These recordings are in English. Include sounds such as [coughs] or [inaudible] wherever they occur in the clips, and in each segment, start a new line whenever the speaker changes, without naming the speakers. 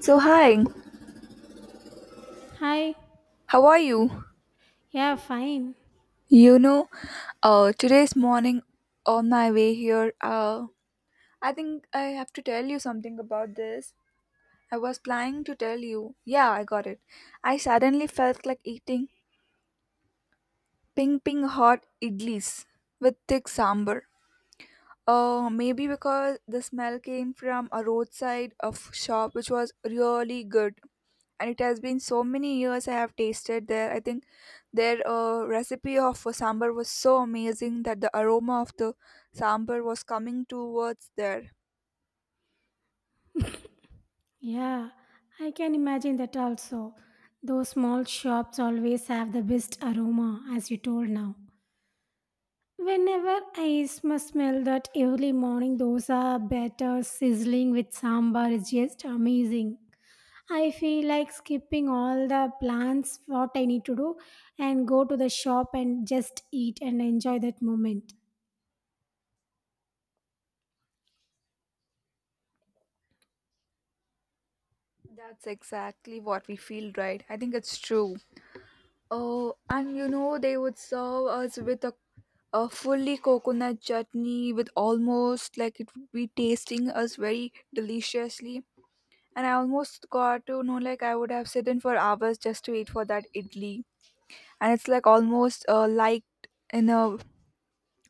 So, hi,
Hi.
how are you?
Yeah, fine.
You know, today's morning on my way here, I think I have to tell you something about this. I was planning to tell you. Yeah, I got it. I suddenly felt like eating ping hot idlis with thick sambar. Maybe because the smell came from a roadside of shop which was really good. And it has been so many years I have tasted there. I think their recipe of sambar was so amazing that the aroma of the sambar was coming towards there.
Yeah, I can imagine that also. Those small shops always have the best aroma, as you told now. Whenever I smell that early morning dosa batter sizzling with sambar is just amazing. I feel like skipping all the plans, what I need to do, and go to the shop and just eat and enjoy that moment.
That's exactly what we feel, right? I think it's true. Oh, and you know, they would serve us with a fully coconut chutney with almost like it would be tasting us very deliciously. And I almost got to know, like, I would have sat in for hours just to eat for that idli. And it's like almost liked in a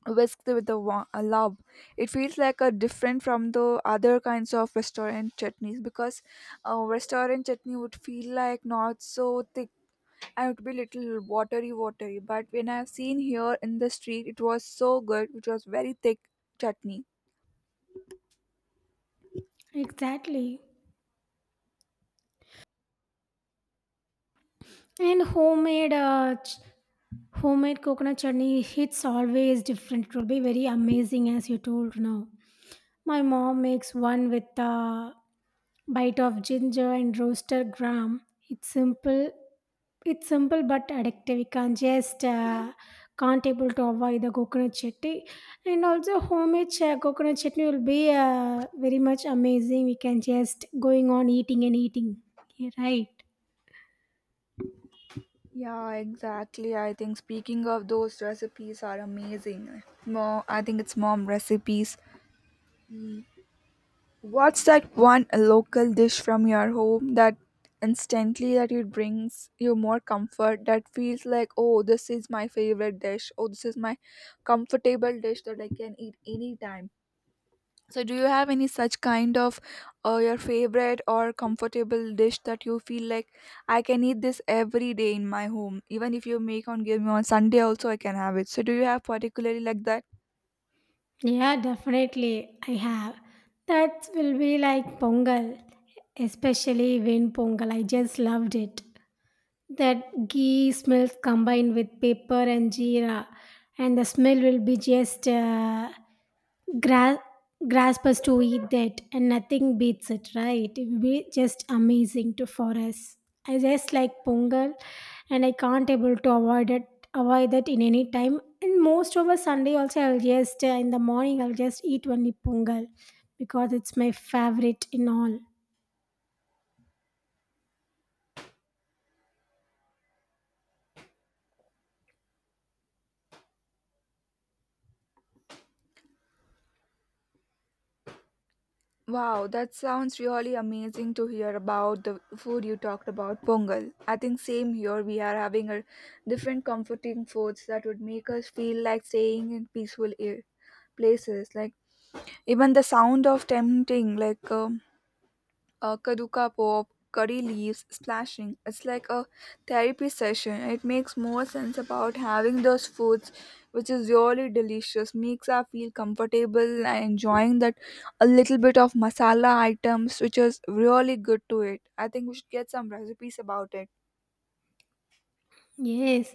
whisked with a love. It feels like a different from the other kinds of restaurant chutneys because a restaurant chutney would feel like not so thick and it would be little watery, watery. But when I've seen here in the street, it was so good, which was very thick chutney.
Exactly. And homemade homemade coconut chutney hits always different. It will be very amazing as you told now. My mom makes one with a bite of ginger and roasted gram. It's simple. It's simple but addictive. We can't able to avoid the coconut chutney. And also homemade coconut chutney will be very much amazing. We can just going on eating and eating. Yeah, right.
Yeah, exactly. I think speaking of those recipes are amazing. Mom, I think it's mom recipes. What's that one local dish from your home that instantly that it brings you more comfort, that feels like oh this is my favorite dish, oh this is my comfortable dish that I can eat anytime. So do you have any such kind of your favorite or comfortable dish that you feel like I can eat this every day in my home, even if you make on give me on Sunday also I can have it. So do you have particularly like that?
Yeah, definitely. I have. That will be like Pongal, especially when Pongal. I just loved it that ghee smells combined with pepper and jeera and the smell will be just gra- grasp us to eat that, and nothing beats it, right? It will be just amazing to for us. I just like Pongal, and I can't able to avoid it, avoid that in any time. And most over Sunday also, I'll just in the morning I'll just eat only Pongal because it's my favorite in all.
Wow, that sounds really amazing to hear about the food you talked about, pongal. I think same here we are having a different comforting foods that would make us feel like staying in peaceful air places. Like even the sound of tempting, like kaduka pop, curry leaves splashing. It's like a therapy session. It makes more sense about having those foods, which is really delicious. Makes us feel comfortable and enjoying that a little bit of masala items, which is really good to it. I think we should get some recipes about it.
Yes,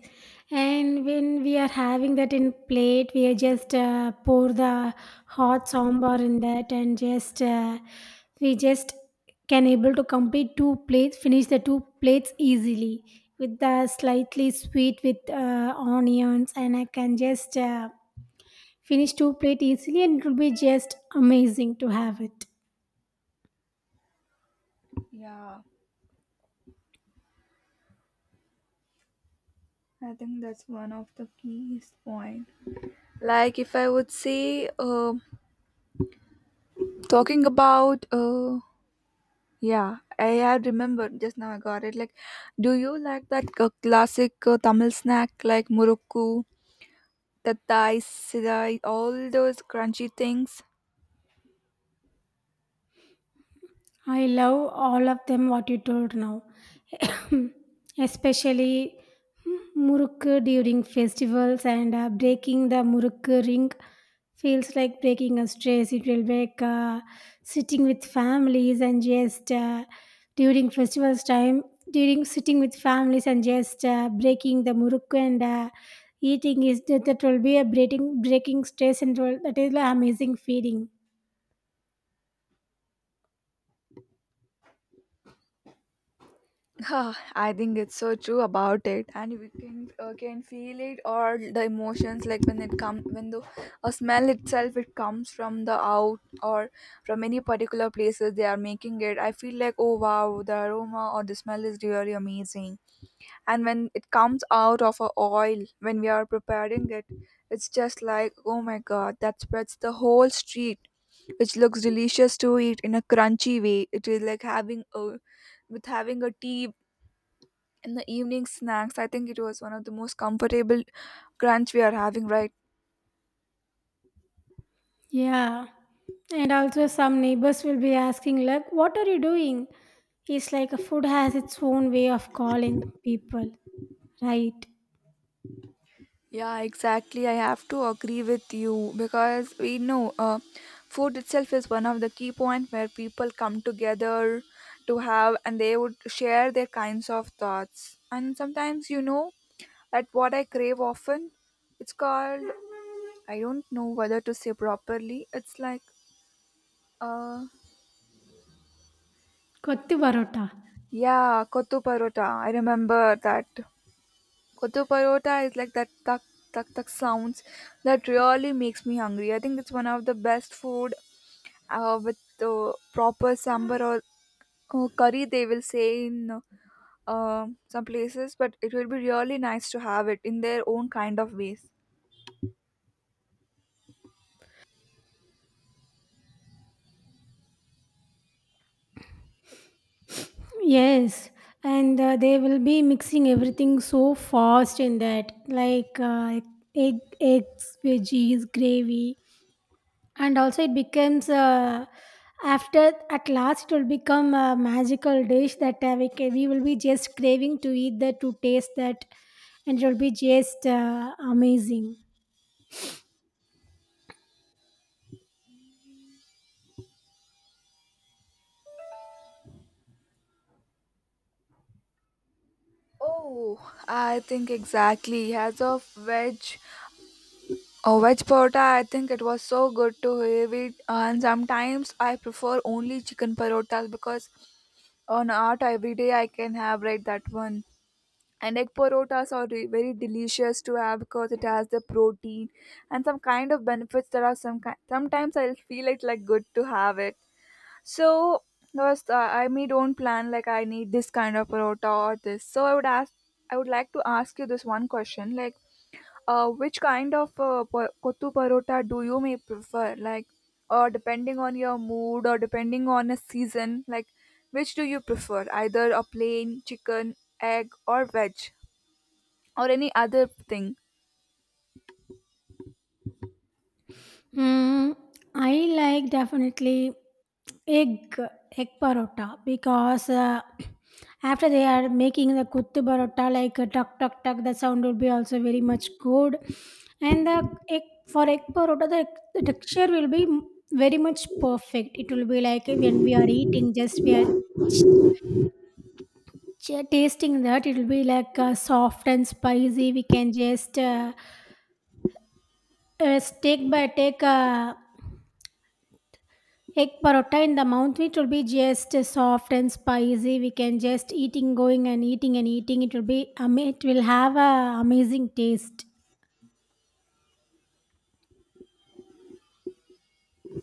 and when we are having that in plate, we are just pour the hot sambar in that, and just we just can able to complete two plates, finish the two plates easily with the slightly sweet with onions, and I can just finish two plate easily, and it will be just amazing to have it.
Yeah, I think that's one of the key point. Like if I would say, talking about. Yeah, I had remembered just now. I got it. Like, do you like that classic Tamil snack like murukku, tattai, sidai, all those crunchy things? [laughs]
I love all of them what you told now, [coughs] especially murukku during festivals and breaking the murukku ring feels like breaking a stress. It will make sitting with families and just during festivals time, during sitting with families and just breaking the murukku and eating is that, that will be a breaking stress and all, that is an amazing feeling.
Huh, I think it's so true about it, and we can feel it or the emotions like when it come when the a smell itself it comes from the out or from any particular places they are making it. I feel like oh wow the aroma or the smell is really amazing. And when it comes out of a oil when we are preparing it, it's just like oh my god that spreads the whole street, which looks delicious to eat in a crunchy way. It is like having a with having a tea in the evening snacks. I think it was one of the most comfortable crunch we are having, right?
Yeah. And also, some neighbors will be asking, like, what are you doing? It's like a food has its own way of calling people, right?
Yeah, exactly. I have to agree with you because we know food itself is one of the key point where people come together to have and they would share their kinds of thoughts. And sometimes you know that what I crave often, it's called, I don't know whether to say properly. It's like uh
Kotti Varota.
yeah, kottu parota. I remember that kottu parota is like that tak tak tak sounds that really makes me hungry. I think it's one of the best food with proper sambar or curry they will say in some places, but it will be really nice to have it in their own kind of ways.
Yes, and they will be mixing everything so fast in that, like egg, eggs, veggies, gravy, and also it becomes after at last it will become a magical dish that we will be just craving to eat that, to taste that, and it will be just amazing.
Oh, I think exactly as of veg or veg parota, I think it was so good to have it. And sometimes I prefer only chicken parotas because on art every day I can have, right, that one. And egg parotas are very delicious to have because it has the protein and some kind of benefits that are some kind. Sometimes I feel it's like good to have it. So was I may don't plan like I need this kind of parota or this. So I would ask, I would like to ask you this one question, like, which kind of kottu parota do you may prefer, like, or depending on your mood or depending on a season, like, which do you prefer, either a plain chicken, egg, or veg? Or any other thing.
Mm, I like definitely egg egg parotta because [clears throat] after they are making the kuttu parotta like a tuck tuck tuck, the sound would be also very much good. And the egg for egg parotta, the texture will be very much perfect. It will be like when we are eating, just we are ch- tasting that, it will be like soft and spicy. We can just take by take, egg parotta in the mouth, it will be just soft and spicy. We can just eating, going and eating and eating. It will be, it will have a amazing taste.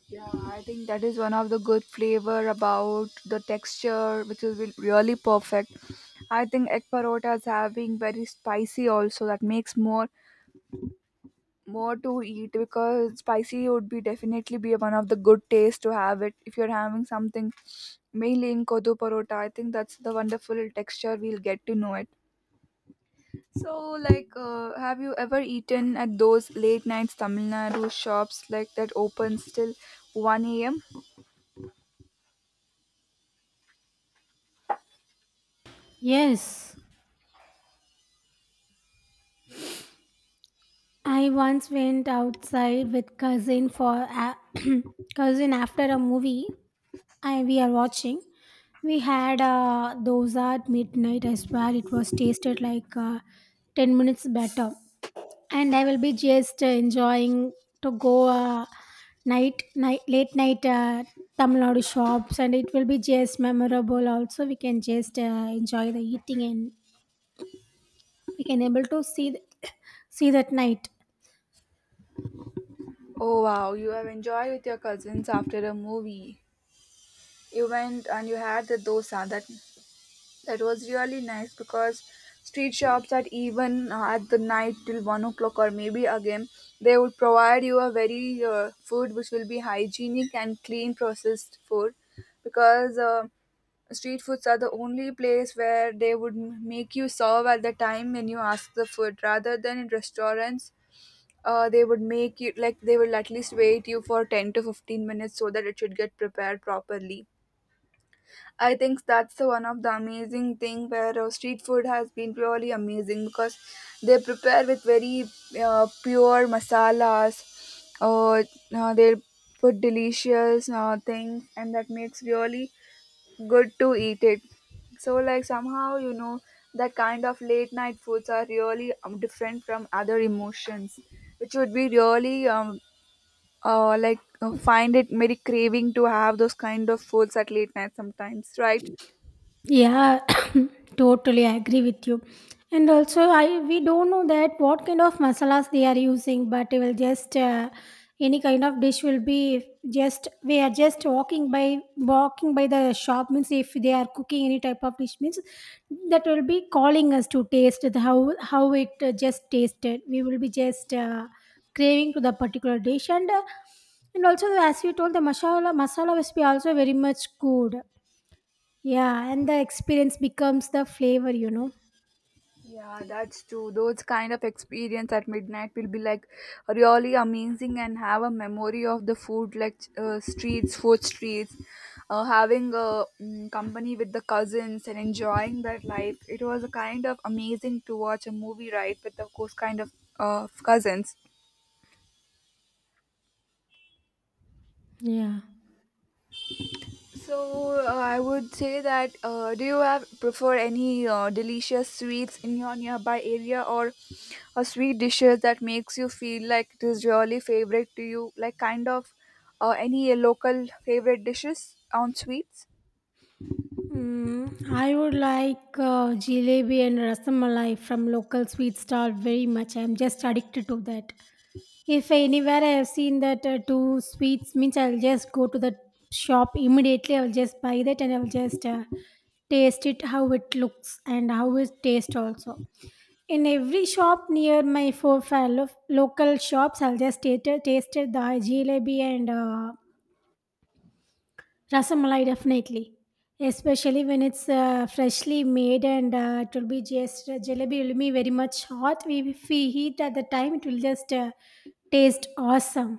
Yeah, I think that is one of the good flavor about the texture, which is really perfect. I think egg parotas have been very spicy also. That makes more more to eat because spicy would be definitely be one of the good taste to have it if you're having something mainly in kodo parota. I think that's the wonderful texture we'll get to know it. So, like, have you ever eaten at those late nights Tamil Nadu shops like that open still 1 a.m.?
Yes, I once went outside with cousin for a [clears throat] cousin after a movie. I we are watching. We had a dosa at midnight. I swear it was tasted like 10 minutes better. And I will be just enjoying to go night, late night Tamil Nadu shops, and it will be just memorable. Also, we can just enjoy the eating, and we can able to see [coughs] see that night.
Oh wow, you have enjoyed with your cousins after a movie. You went and you had the dosa. That that was really nice because street shops at even at the night till 1 o'clock or maybe again they would provide you a very food which will be hygienic and clean processed food. Because street foods are the only place where they would make you serve at the time when you ask the food, rather than in restaurants. They would make you like they will at least wait you for 10 to 15 minutes so that it should get prepared properly. I think that's the one of the amazing thing where street food has been purely amazing because they prepare with very pure masalas uh, they put delicious things and that makes really good to eat it. So, like, somehow, you know, that kind of late night foods are really different from other emotions, which would be really, like, find it very craving to have those kind of foods at late night sometimes, right?
Yeah, [coughs] totally I agree with you. And also, I we don't know that what kind of masalas they are using, but it will just any kind of dish will be just we are just walking by the shop means if they are cooking any type of dish means that will be calling us to taste the, how it just tasted. We will be just craving to the particular dish and. And also, as you told, the masala recipe also very much good. Yeah, and the experience becomes the flavor, you know.
Yeah, that's true. Those kind of experience at midnight will be like really amazing and have a memory of the food like streets, food streets, having a company with the cousins and enjoying that life. It was a kind of amazing to watch a movie, right, with of course kind of cousins.
Yeah.
So I would say that do you have prefer any delicious sweets in your nearby area or a sweet dishes that makes you feel like it is really favorite to you, like kind of any local favorite dishes on sweets?
Mm, I would like jalebi and rasamalai from local sweet stall very much. I'm just addicted to that. If anywhere I have seen that two sweets means, I'll just go to the shop immediately. I'll just buy that, and I'll just taste it how it looks and how it tastes also. In every shop near my 4, 5 local shops, I'll just taste the jalebi and rasamalai, definitely. Especially when it's freshly made and it will be just jalebi will be very much hot. We- if we heat at the time, it will just taste awesome.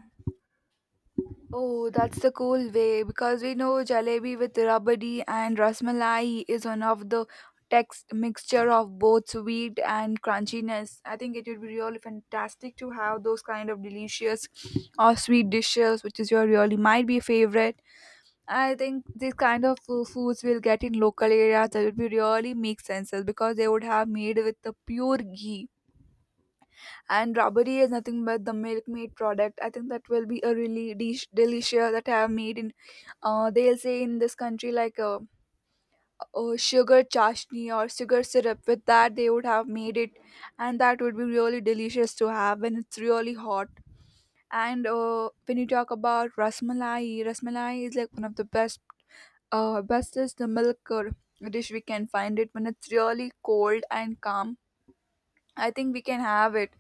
Oh, that's the cool way because we know jalebi with rabadi and rasmalai is one of the text mixture of both sweet and crunchiness. I think it would be really fantastic to have those kind of delicious or sweet dishes, which is your really might be favorite. I think these kind of foods will get in local areas that would be really make sense because they would have made with the pure ghee. And rubbery is nothing but the milkmaid product. I think that will be a really dish delicious that I have made in, they'll say in this country like a sugar chashni or sugar syrup, with that they would have made it. And that would be really delicious to have when it's really hot. And when you talk about rasmalai, rasmalai is like one of the best bestest the milk dish we can find it when it's really cold and calm. I think we can have it.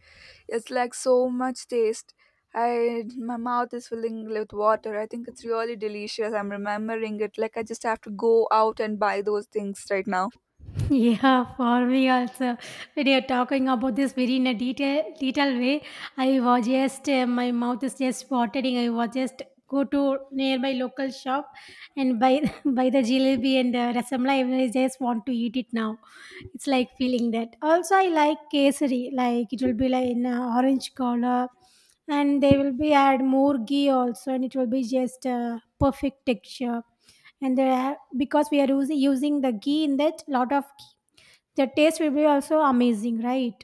It's like so much taste. I my mouth is filling with water. I think it's really delicious. I'm remembering it. Like I just have to go out and buy those things right now.
[laughs] Yeah, for me also. When you're talking about this very in a detailed way, I was just my mouth is just watering. I was just go to nearby local shop and buy [laughs] buy the jalebi and the rasamla. I just want to eat it now. It's like feeling that. Also, I like kesari. Like it will be like in orange color, and they will be add more ghee also, and it will be just perfect texture. And there, are- because we are using the ghee in that lot of, the taste will be also amazing, right?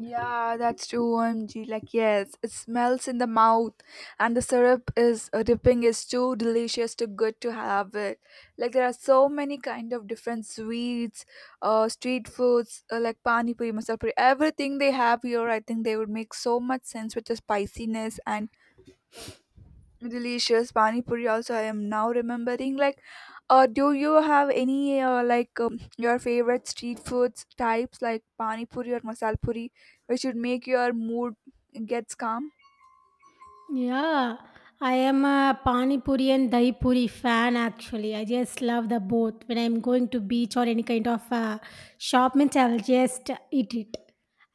Yeah, that's true. OMG. Like, yes, it smells in the mouth, and the syrup is dipping is too delicious, too good to have it. Like, there are so many kind of different sweets, street foods, like pani puri, masala puri. Everything they have here, I think they would make so much sense with the spiciness and delicious pani puri. Also, I am now remembering. Like, do you have any like your favorite street foods types like pani puri or masal puri, which would make your mood gets calm?
Yeah, I am a Pani Puri and Dahi Puri fan actually. I just love the both. When I'm going to beach or any kind of shop, means I will just eat it.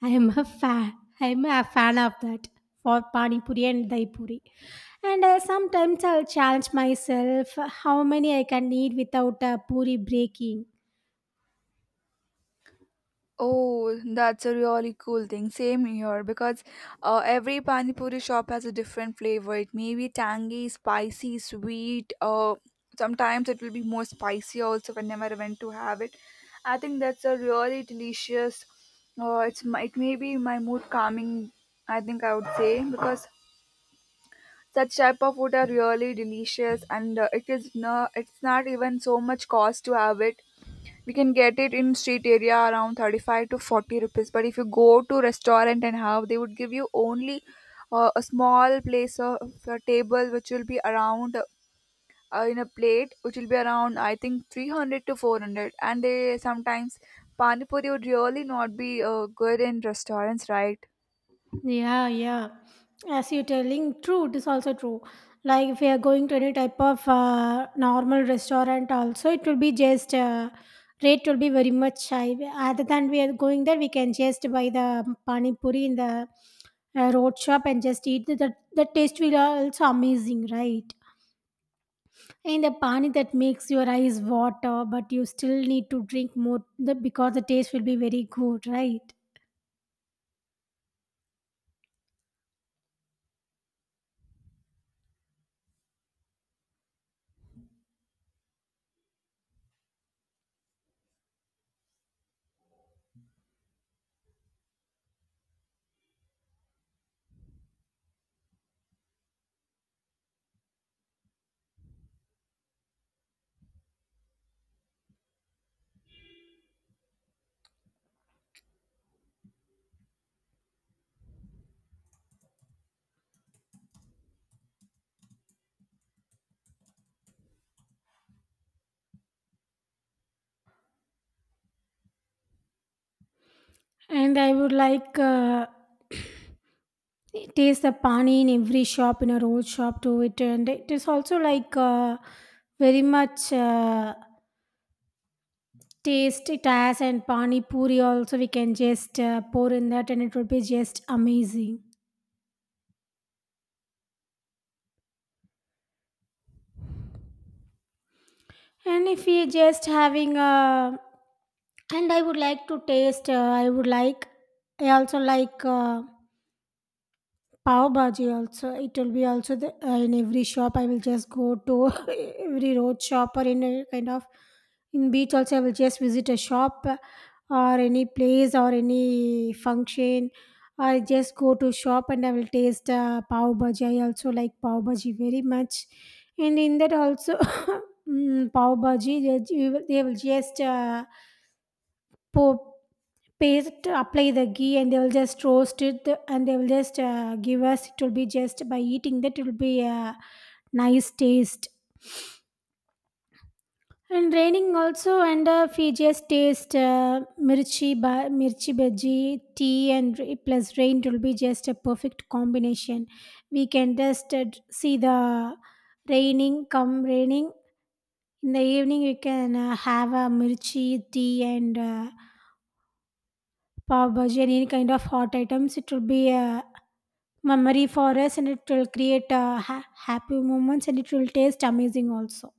I am a fan. I am a fan of that for Pani Puri and Dahi Puri. And sometimes I'll challenge myself how many I can eat without a puri breaking.
Oh, that's a really cool thing. Same here because every pani puri shop has a different flavor. It may be tangy, spicy, sweet. Sometimes it will be more spicy also whenever I went to have it. I think that's a really delicious. It may be my mood calming, I think, I would say, because such type of food are really delicious, and it is no, it's not even so much cost to have it. We can get it in street area around 35 to 40 rupees. But if you go to restaurant and have, they would give you only a small place of a table, which will be around in a plate, which will be around I think 300 to 400. And they sometimes pani puri would really not be good in restaurants, right?
Yeah, yeah. As you're telling, true, it is also true. Like if we are going to any type of normal restaurant, also it will be just rate will be very much high. Other than we are going there, we can just buy the pani puri in the road shop and just eat. The taste will also amazing, right? And the pani that makes your eyes water, but you still need to drink more the, because the taste will be very good, right? And I would like. [clears throat] It is the pani in every shop, in a road shop to it, and it is also like very much taste it has, and pani puri also we can just pour in that, and it would be just amazing. And if we just having a, and I would like to taste. I would like. I also like. Pav bhaji also. It will be also the, in every shop I will just go to. [laughs] Every road shop or in a kind of in beach also, I will just visit a shop, or any place or any function, I just go to shop and I will taste pav bhaji. I also like pav bhaji very much, and in that also [laughs] mm, pav bhaji they will just pour paste, apply the ghee, and they will just roast it, and they will just give us. It will be just by eating that, it will be a nice taste. And raining also, and we just taste mirchi bhaji, tea, and plus rain, it will be just a perfect combination. We can just see the raining, come raining in the evening. We can have a mirchi tea and pav bhaji, and any kind of hot items. It will be a memory for us, and it will create happy moments, and it will taste amazing also.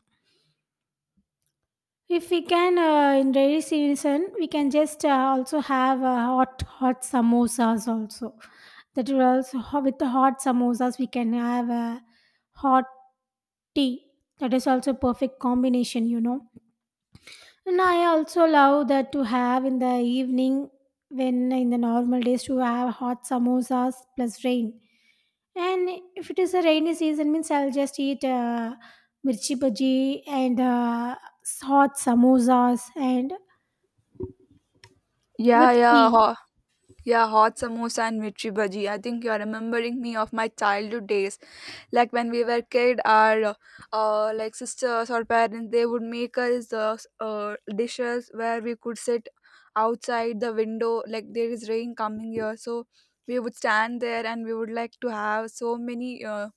If we can in rainy season, we can just also have hot hot samosas also. That will also with the hot samosas, we can have a hot tea. That is also perfect combination, you know. And I also love that to have in the evening, when in the normal days, to have hot samosas plus rain. And if it is a rainy season, means I'll just eat mirchi bhaji and hot samosas and
Yeah,
with
yeah.
tea.
Yeah, hot samosa and mirchi bhaji. I think you're remembering me of my childhood days. Like when we were kid, our like sisters or parents, they would make us dishes where we could sit outside the window. Like there is rain coming here, so we would stand there and we would like to have so many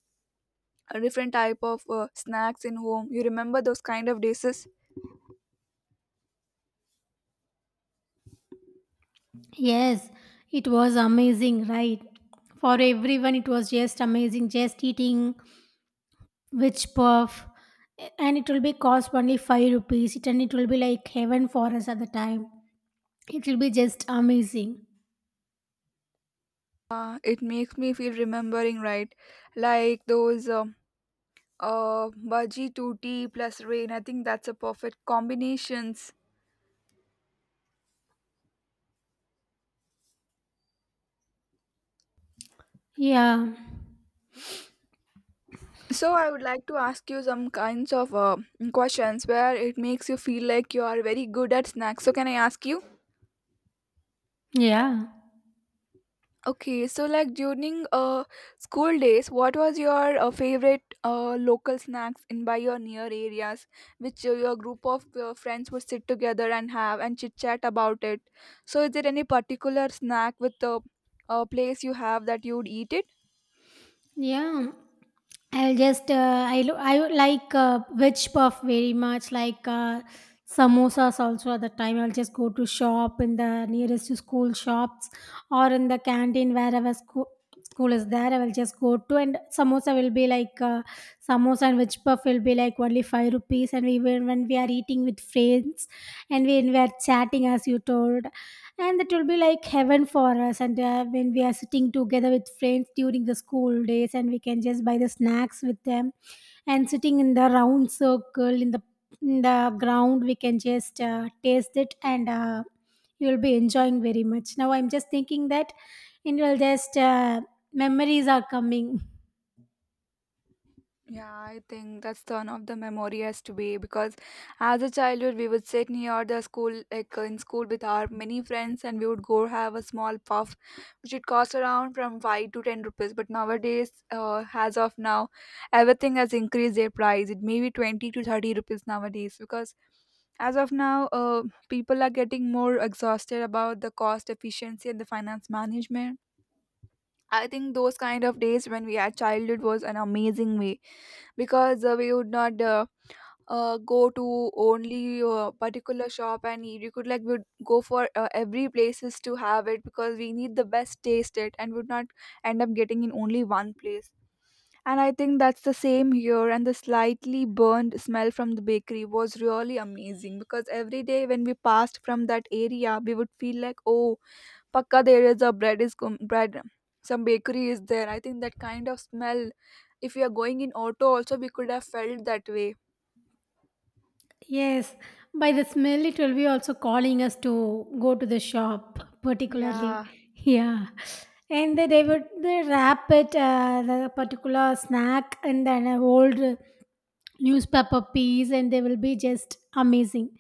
different type of snacks in home. You remember those kind of dishes?
Yes, it was amazing, right? For everyone, it was just amazing. Just eating which puff, and it will be cost only 5 rupees. It and it will be like heaven for us at the time. It will be just amazing.
It makes me feel remembering, right? Like those. Bhaji tutti plus rain, I think that's a perfect combinations.
Yeah,
So I would like to ask you some kinds of questions where it makes you feel like you are very good at snacks. So can I ask you?
yeah,
Okay, so like during school days, what was your favorite local snacks in by your near areas which your group of your friends would sit together and have and chit chat about it? So is there any particular snack with the place you have that you would eat it?
yeah. I'll just I would like veg puff very much like samosas also at the time. I'll just go to shop in the nearest to school shops or in the canteen wherever school is there. I will just go to, and samosa will be like samosa and veg puff will be like only 5 rupees. And when we are eating with friends and when we are chatting, as you told, and that will be like heaven for us. And when we are sitting together with friends during the school days, and we can just buy the snacks with them and sitting in the round circle in the ground, we can just taste it. And you will be enjoying very much. Now I'm just thinking that, and you'll just memories are coming.
Yeah, I think that's the one of the memoriest way because as a childhood we would sit near the school, like in school with our many friends, and we would go have a small puff which would cost around from 5 to 10 rupees. But nowadays, as of now, everything has increased their price. It may be 20 to 30 rupees nowadays because as of now people are getting more exhausted about the cost efficiency and the finance management. I think those kind of days when we had childhood was an amazing way, because we would not go to only particular shop and eat. We could like would go for every places to have it because we need the best taste it and would not end up getting in only one place. And I think that's the same here. And the slightly burned smell from the bakery was really amazing because every day when we passed from that area, we would feel like, oh, Pakka there is a bread. Some bakery is there. I think that kind of smell. If we are going in auto, also we could have felt that way.
Yes, by the smell, it will be also calling us to go to the shop,
Yeah,
particularly. Yeah. And then they wrap it, the particular snack, and then an old newspaper piece, and they will be just amazing.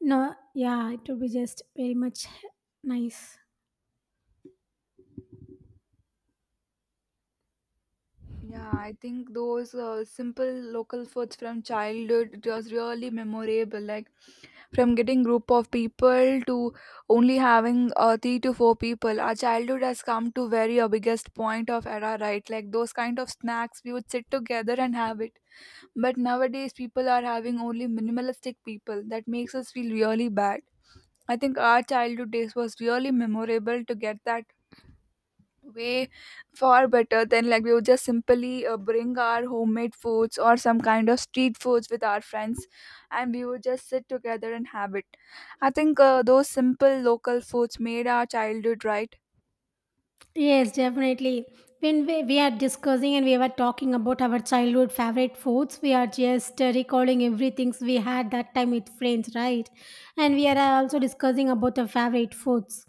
No, yeah, it will be just very much nice.
yeah. I think those simple local foods from childhood, it was really memorable. Like, from getting group of people to only having three to four people. Our childhood has come to very a biggest point of era, right? Like those kind of snacks, we would sit together and have it. But nowadays, people are having only minimalistic people. That makes us feel really bad. I think our childhood days was really memorable to get that way, far better than like we would just simply bring our homemade foods or some kind of street foods with our friends, and we would just sit together and have it. I think those simple local foods made our childhood right.
Yes, definitely. When we are discussing and we were talking about our childhood favorite foods, we are just recalling everything we had that time with friends, right? And we are also discussing about the favorite foods.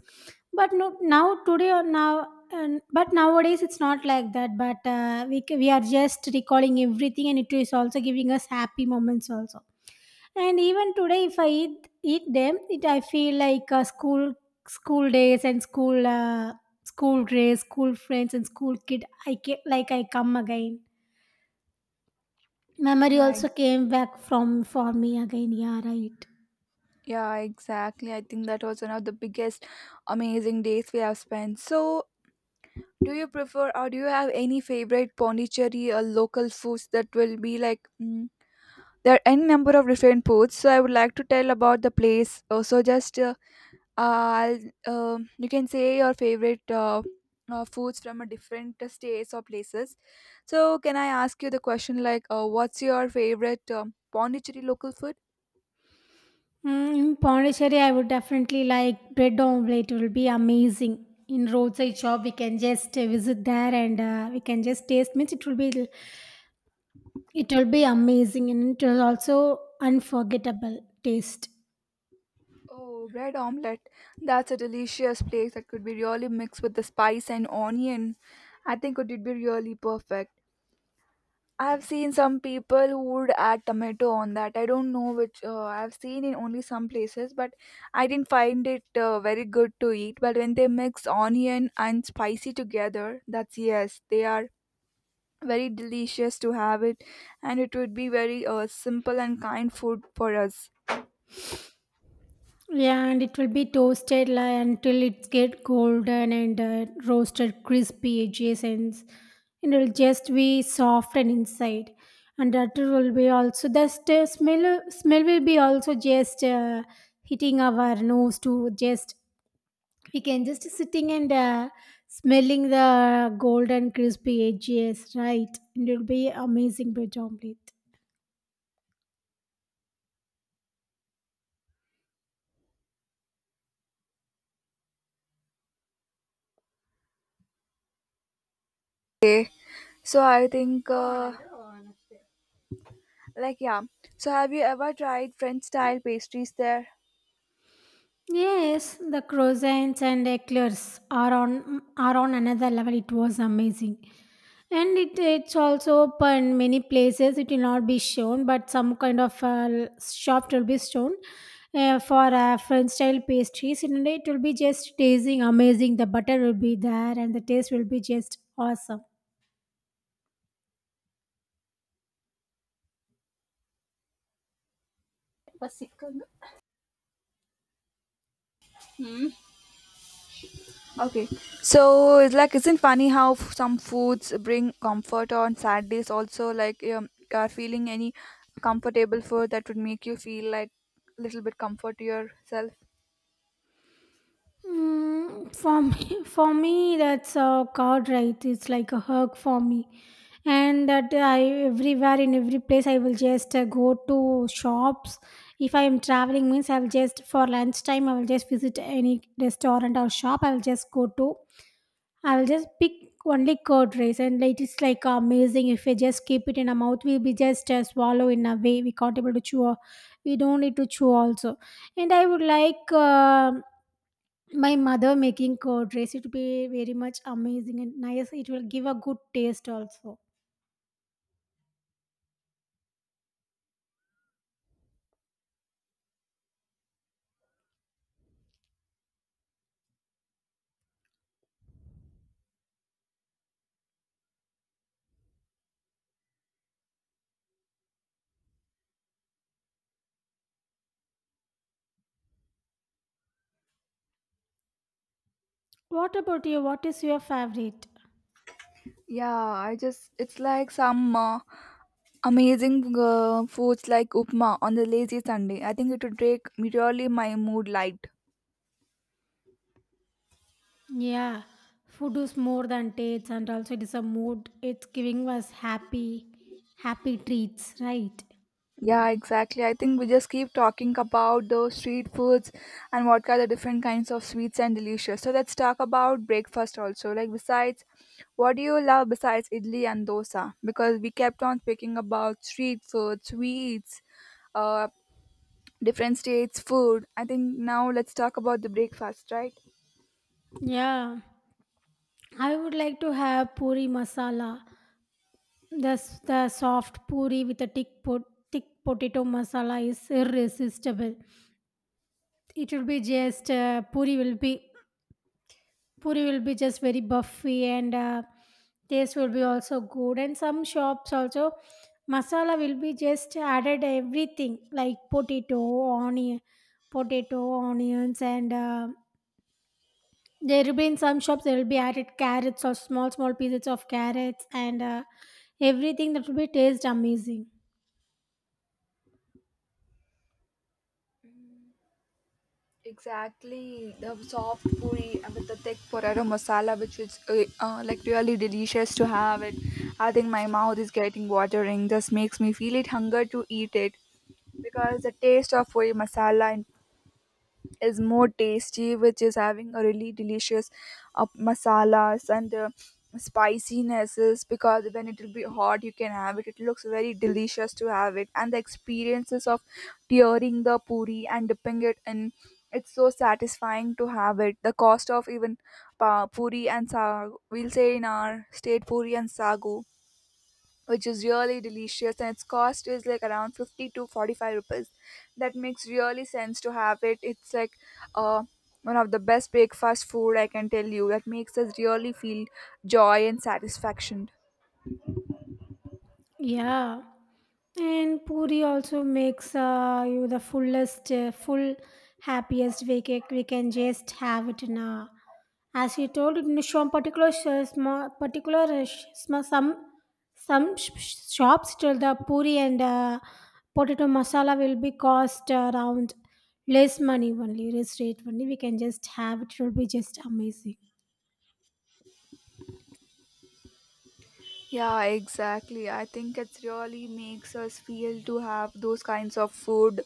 But no, now today or now, and but nowadays it's not like that. But we are just recalling everything, and it is also giving us happy moments also. And even today, if I eat them, it I feel like uh, school days and school days, school friends, and school kid. I get like I come again. Memory
Yeah,
also came back from for me again. Yeah, right.
yeah, exactly. I think that was one of the biggest amazing days we have spent. So, do you prefer or do you have any favorite Pondicherry or local foods that will be like, mm, there are any number of different foods. So, I would like to tell about the place. I'll, you can say your favorite foods from a different states or places. So, can I ask you the question like, what's your favorite Pondicherry local food?
Mm, in Pondicherry, I would definitely like bread omelette. It will be amazing. In roadside shop, we can just visit there and we can just taste. Means it will be amazing, and it will also unforgettable taste.
Oh, bread omelette. That's a delicious place that could be really mixed with the spice and onion. I think it would be really perfect. I've seen some people who would add tomato on that. I don't know which I've seen in only some places, but I didn't find it very good to eat. But when they mix onion and spicy together, that's yes, they are very delicious to have it, and it would be very simple and kind food for us.
Yeah, and it will be toasted like, until it get golden and roasted crispy edges, and it will just be soft and inside. And that will be also smell. Smell will be also just hitting our nose to just we can just sitting and smelling the golden crispy edges, right? And it'll be amazing bread omelet.
Okay, so I think like, yeah. So, have you ever tried French style pastries there?
Yes, the croissants and eclairs are on another level. It was amazing, and it's also open many places. It will not be shown, but some kind of shop will be shown for French style pastries. And it will be just tasting amazing. The butter will be there, and the taste will be just awesome.
Okay. So, it's like, isn't funny how some foods bring comfort on sad days also? Like, are feeling any comfortable food that would make you feel like a little bit comfort to yourself?
Mm, for me, [laughs] for me, that's a card, right? It's like a hug for me, and that I everywhere in every place I will just go to shops. If I am traveling, means I will just for lunchtime I will just visit any restaurant or shop. I will just go to. I will just pick only curd rice, and like it's like amazing. If we just keep it in our mouth, we'll be just swallow in a way. We can't able to chew. We don't need to chew also. And I would like my mother making curd rice, it will be very much amazing and nice. It will give a good taste also. What about you? What is your favorite?
Yeah, I just, it's like some amazing foods like upma on the lazy Sunday. I think it would make really my mood light.
Yeah, food is more than taste, and also it is a mood. It's giving us happy treats, right?
Yeah, exactly. I think we just keep talking about those street foods and what kind of different kinds of sweets and delicious. So let's talk about breakfast also. Like, besides, what do you love besides idli and dosa? Because we kept on speaking about street food, sweets, uh, different states' food. I think now let's talk about the breakfast, right?
Yeah, I would like to have puri masala. The soft puri with a thick potato masala is irresistible. It will be just uh, puri will be just very buffy, and taste will be also good. And some shops also masala will be just added everything, like onion potato, onions, and there will be in some shops there will be added carrots or small small pieces of carrots, and everything that will be taste amazing.
Exactly, the soft puri and with the thick potato masala, which is like really delicious to have it. I think my mouth is getting watering. Just makes me feel it hunger to eat it because the taste of puri masala in is more tasty, which is having a really delicious masalas and spicinesses. Because when it will be hot you can have it, it looks very delicious to have it, and the experiences of tearing the puri and dipping it in, it's so satisfying to have it. The cost of even puri and sagu, we'll say in our state, puri and sagu, which is really delicious, and its cost is like around 50 to 45 rupees. That makes really sense to have it. It's like, uh, one of the best breakfast food I can tell you, that makes us really feel joy and satisfaction.
Yeah. And puri also makes you the full, happiest. We can just have it in a. As you told, in some particular small, particular shops till the puri and potato masala will be cost around less money only, less rate only. We can just have it. It will be just amazing.
Yeah, exactly. I think it really makes us feel to have those kinds of food.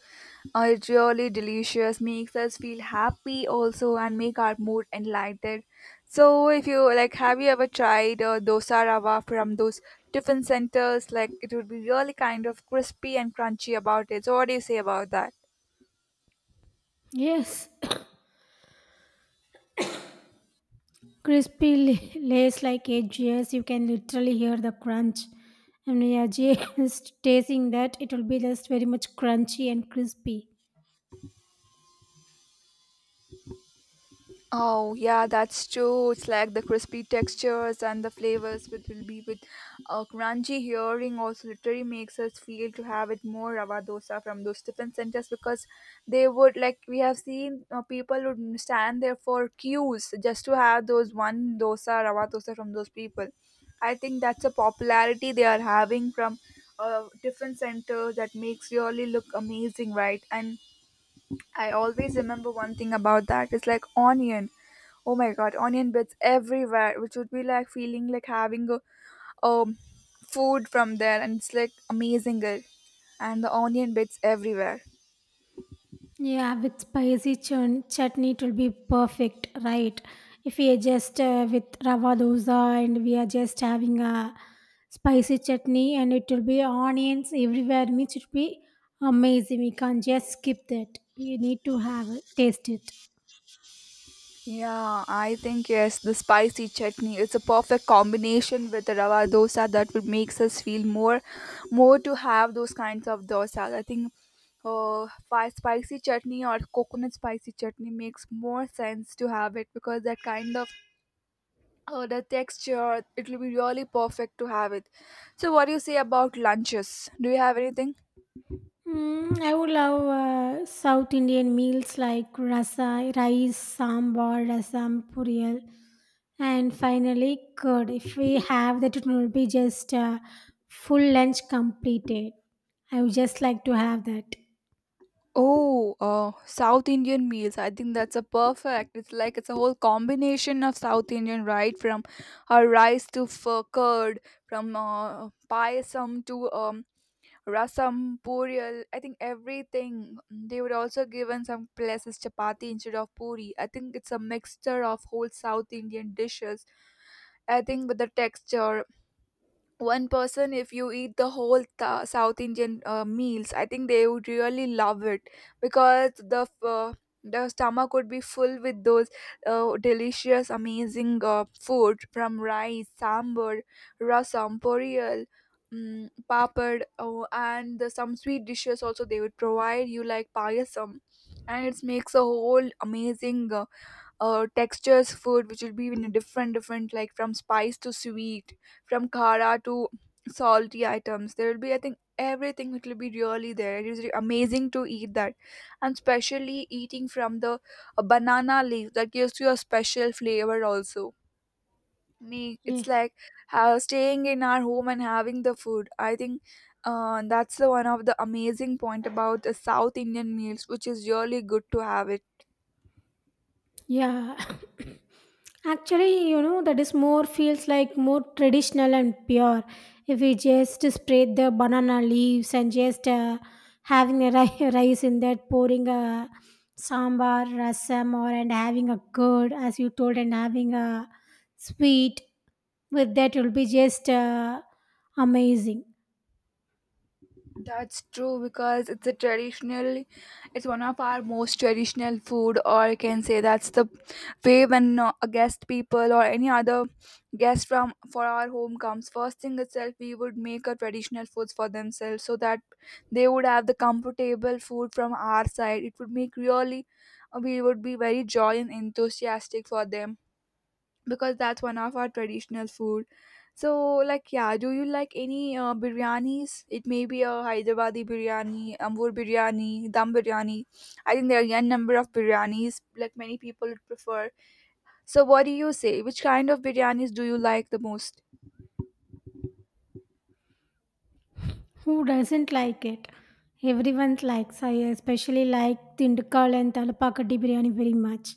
It's really delicious, makes us feel happy also, and make our mood enlightened. So, if you like, have you ever tried dosa rava from those different centers? Like, it would be really kind of crispy and crunchy about it. So, what do you say about that?
Yes. Crispy [laughs] lays like edges. You can literally hear the crunch. And yeah, [laughs] just tasting that, it will be just very much crunchy and crispy.
Oh yeah, that's true. It's like the crispy textures and the flavors which will be with a crunchy hearing also, literally makes us feel to have it more rava dosa from those different centers, because they would like we have seen people would stand there for queues just to have those one dosa rava dosa from those people. I think that's a popularity they are having from different centers that makes really look amazing, right? And I always remember one thing about that. It's like onion. Oh my god, onion bits everywhere, which would be like feeling like having a um food from there, and it's like amazing it. And the onion bits everywhere.
Yeah, with spicy chutney, it will be perfect, right? If we are just with rava dosa and we are just having a spicy chutney, and it will be onions everywhere, means it will be amazing. We can't just skip that. We need to have it, taste it.
Yeah, I think yes, the spicy chutney. It's a perfect combination with the rava dosa that would makes us feel more, more to have those kinds of dosas. I think spicy chutney or coconut spicy chutney makes more sense to have it because that kind of, oh, the texture, it will be really perfect to have it. So, what do you say about lunches? Do you have anything?
Mm, I would love South Indian meals like rasa, rice, sambar, rasam, puriyal, and finally curd. If we have that, it will be just full lunch completed. I would just like to have that.
Oh, South Indian meals. I think that's a perfect. It's like it's a whole combination of South Indian, right? From rice to curd, from payasam to rasam, puriyal. I think everything. They would also give in some places chapati instead of puri. I think it's a mixture of whole South Indian dishes. I think with the texture one person if you eat the whole South Indian meals, I think they would really love it because the the stomach would be full with those delicious, amazing food from rice, sambar, rasam, poriyal, papad. Oh, and some sweet dishes also they would provide you, like payasam. And it makes a whole amazing textures food which will be in a different different, like from spice to sweet, from kara to salty items. There will be, I think, everything. It will be really there. It is amazing to eat that, and especially eating from the banana leaf. That gives you a special flavor also. Me, it's
Yes.
like how staying in our home and having the food, I think that's the one of the amazing point about the South Indian meals, which is really good to have it.
Yeah. [laughs] [coughs] Actually, you know, that is more feels like more traditional and pure. If we just spread the banana leaves and just having a [laughs] rice in that, pouring a sambar, rasam, or and having a curd, as you told, and having a sweet with that will be just amazing.
That's true because it's a traditional, it's one of our most traditional food, or you can say that's the way when a guest people or any other guest from for our home comes. First thing itself, we would make a traditional foods for themselves so that they would have the comfortable food from our side. It would make really, we would be very joy and enthusiastic for them because that's one of our traditional food. So, like, yeah, do you like any biryanis? It may be a Hyderabadi biryani, Ambur biryani, Dum biryani. I think there are a number of biryanis, like, many people would prefer. So, what do you say? Which kind of biryanis do you like the most?
Who doesn't like it? Everyone likes. I especially like Tindikkal and Talapakati biryani very much.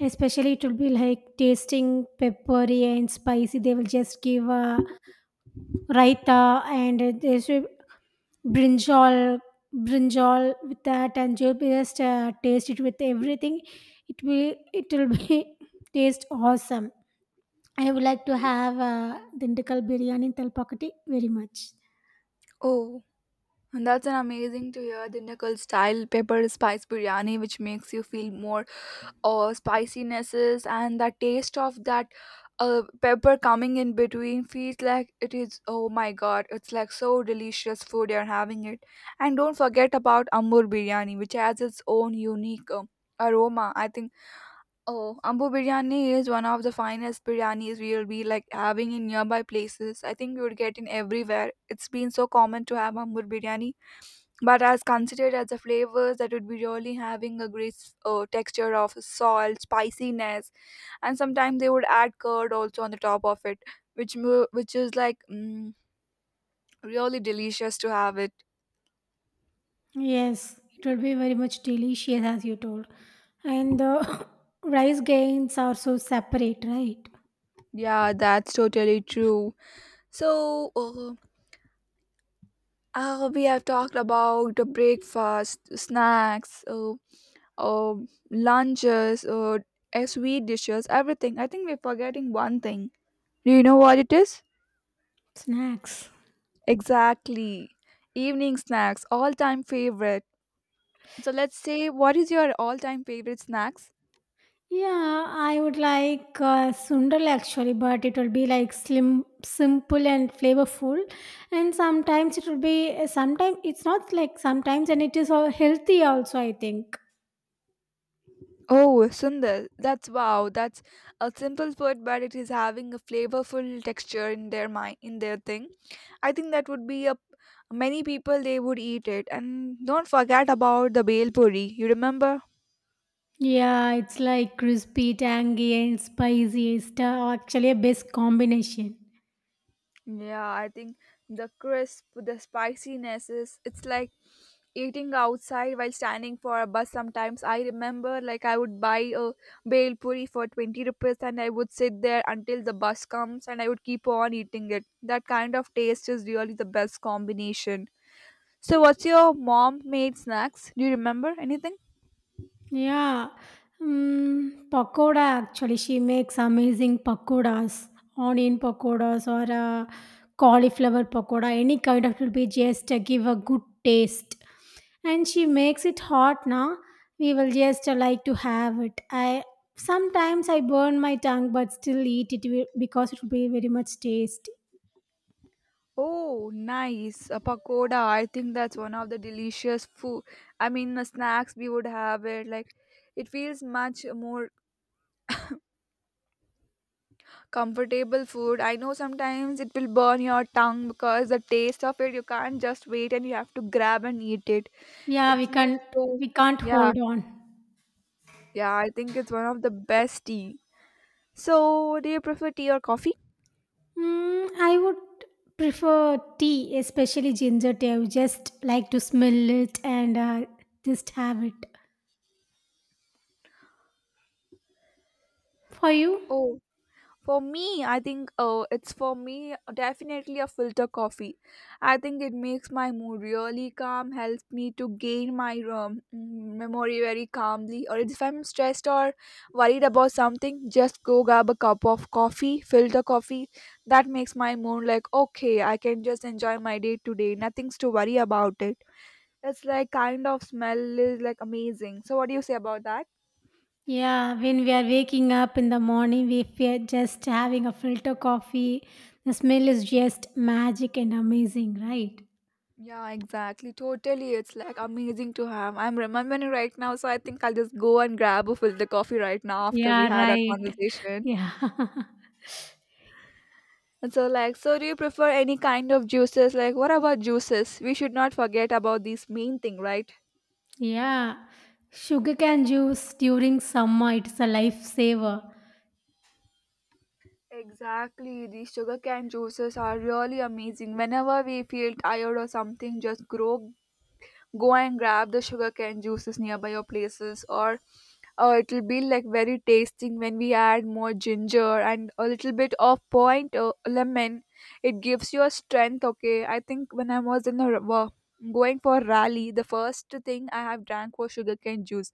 Especially it will be like tasting peppery and spicy. They will just give a raita and this brinjal, brinjal with that, and you'll be just taste it with everything. It will be [laughs] taste awesome. I would like to have Dindikkal biryani in Talpakati very much.
Oh, and that's an amazing to hear the knuckle style pepper spice biryani, which makes you feel more or spicinesses. And that taste of that pepper coming in between feels like it is, oh my god, it's like so delicious food you're having it. And don't forget about Ambur biryani, which has its own unique aroma, I think. Oh, Ambur biryani is one of the finest biryanis we'll be like having in nearby places. I think you would get in everywhere. It's been so common to have Ambur biryani, but as considered as the flavors, that would be really having a great texture of salt, spiciness. And sometimes they would add curd also on the top of it, which which is like really delicious to have it.
Yes, it will be very much delicious, as you told. And the [laughs] [coughs] rice grains are so separate, right?
Yeah, that's totally true. So we have talked about the breakfast, snacks, uh, lunches, sweet dishes, everything. I think we're forgetting one thing. Do you know what it is?
Snacks.
Exactly. Evening snacks, all-time favorite. So let's say, what is your all-time favorite snacks?
Yeah, I would like sundal actually, but it will be like slim, simple, and flavorful. And sometimes it will be, sometimes it's not like sometimes, and it is all healthy also, I think.
Oh, Sundar, that's wow. That's a simple food, but it is having a flavorful texture in their mind, in their thing. I think that would be a many people they would eat it. And don't forget about the bel puri. You remember?
Yeah, it's like crispy, tangy, and spicy. It's actually a best combination.
Yeah, I think the crisp, the spiciness, is it's like eating outside while standing for a bus. Sometimes I remember, like, I would buy a bhel puri for 20 rupees, and I would sit there until the bus comes, and I would keep on eating it. That kind of taste is really the best combination. So what's your mom made snacks? Do you remember anything?
Yeah, mm, pakoda actually. She makes amazing pakodas, onion pakodas or cauliflower pakoda. Any kind of will be just give a good taste. And she makes it hot now. We will just like to have it. I sometimes I burn my tongue, but still eat it because it will be very much tasty.
Oh, nice. A pakoda. I think that's one of the delicious food. I mean, the snacks we would have it. Like, it feels much more comfortable food. I know sometimes it will burn your tongue because the taste of it, you can't just wait and you have to grab and eat it.
Yeah,
It makes so,
we can't
yeah,
hold on.
yeah, I think it's one of the best tea. So, do you prefer tea or coffee?
Mm, I would prefer tea, especially ginger tea. I would just like to smell it and just have it. For you?
Oh. For me, I think it's for me definitely a filter coffee. I think it makes my mood really calm, helps me to gain my memory very calmly. Or if I'm stressed or worried about something, just go grab a cup of coffee, filter coffee. That makes my mood like, okay, I can just enjoy my day today. Nothing's to worry about it. It's like kind of smell is like amazing. So, what do you say about that?
Yeah, when we are waking up in the morning, if we are just having a filter coffee, the smell is just magic and amazing, right?
Yeah, exactly. Totally. It's like amazing to have. I'm remembering right now, so I think I'll just go and grab a filter coffee right now after we
Yeah,
had our
right.
conversation.
Yeah. [laughs]
And so, like, so do you prefer any kind of juices? Like what about juices? We should not forget about this main thing, right?
Yeah. Sugarcane juice during summer, it's a lifesaver.
Exactly. These sugarcane juices are really amazing. Whenever we feel tired or something, just grow go and grab the sugarcane juices nearby your places, or it'll be like very tasting when we add more ginger and a little bit of point lemon. It gives you a strength. Okay, I think when I was in a going for rally, the first thing I have drank was sugarcane juice.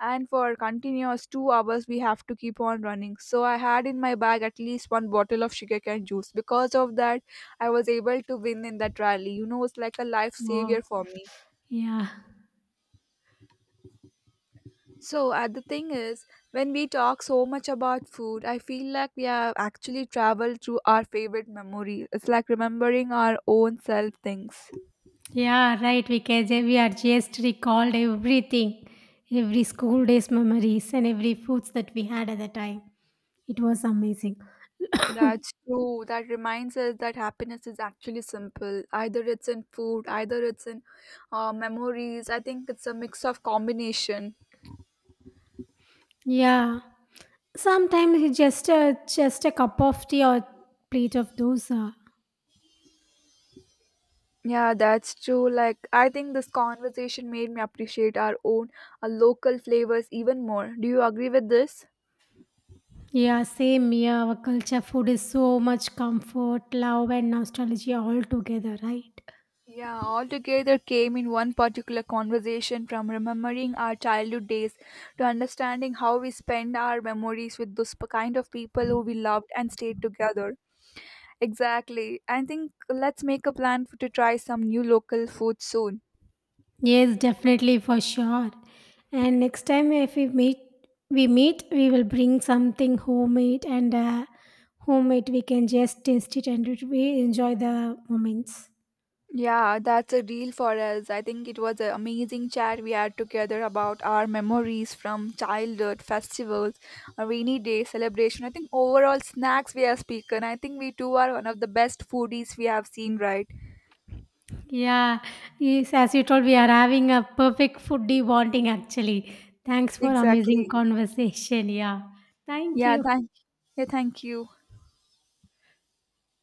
And for continuous 2 hours we have to keep on running, so I had in my bag at least one bottle of sugarcane juice. Because of that, I was able to win in that rally, you know. It's like a life
Wow.
savior for me.
Yeah.
So, the thing is, when we talk so much about food, I feel like we have actually traveled through our favorite memory. It's like remembering our own self things.
Yeah, right, because we are just recalled everything, every school days memories and every foods that we had at the time. It was amazing.
That's true. That reminds us that happiness is actually simple. Either it's in food, either it's in memories. I think it's a mix of combination.
Yeah, sometimes it's just a cup of tea or plate of dosa.
Yeah, that's true. Like, I think this conversation made me appreciate our own local flavors even more. Do you agree with this?
Yeah, same. Yeah, our culture food is so much comfort, love, and nostalgia all together, right?
Yeah, all together came in one particular conversation from remembering our childhood days to understanding how we spend our memories with those kind of people who we loved and stayed together. Exactly. I think let's make a plan to try some new local food soon.
Yes, definitely for sure. And next time if we meet, we will bring something homemade and homemade. We can just taste it, and it- we enjoy the moments.
Yeah, that's a deal for us. I think it was an amazing chat we had together about our memories from childhood, festivals, a rainy day celebration. I think overall snacks we have spoken. I think we two are one of the best foodies we have seen, right?
Yeah, yes. As you told, we are having a perfect foodie bonding actually. Thanks for amazing
Exactly.
conversation. Yeah, thank
Yeah,
you.
thank yeah, thank you.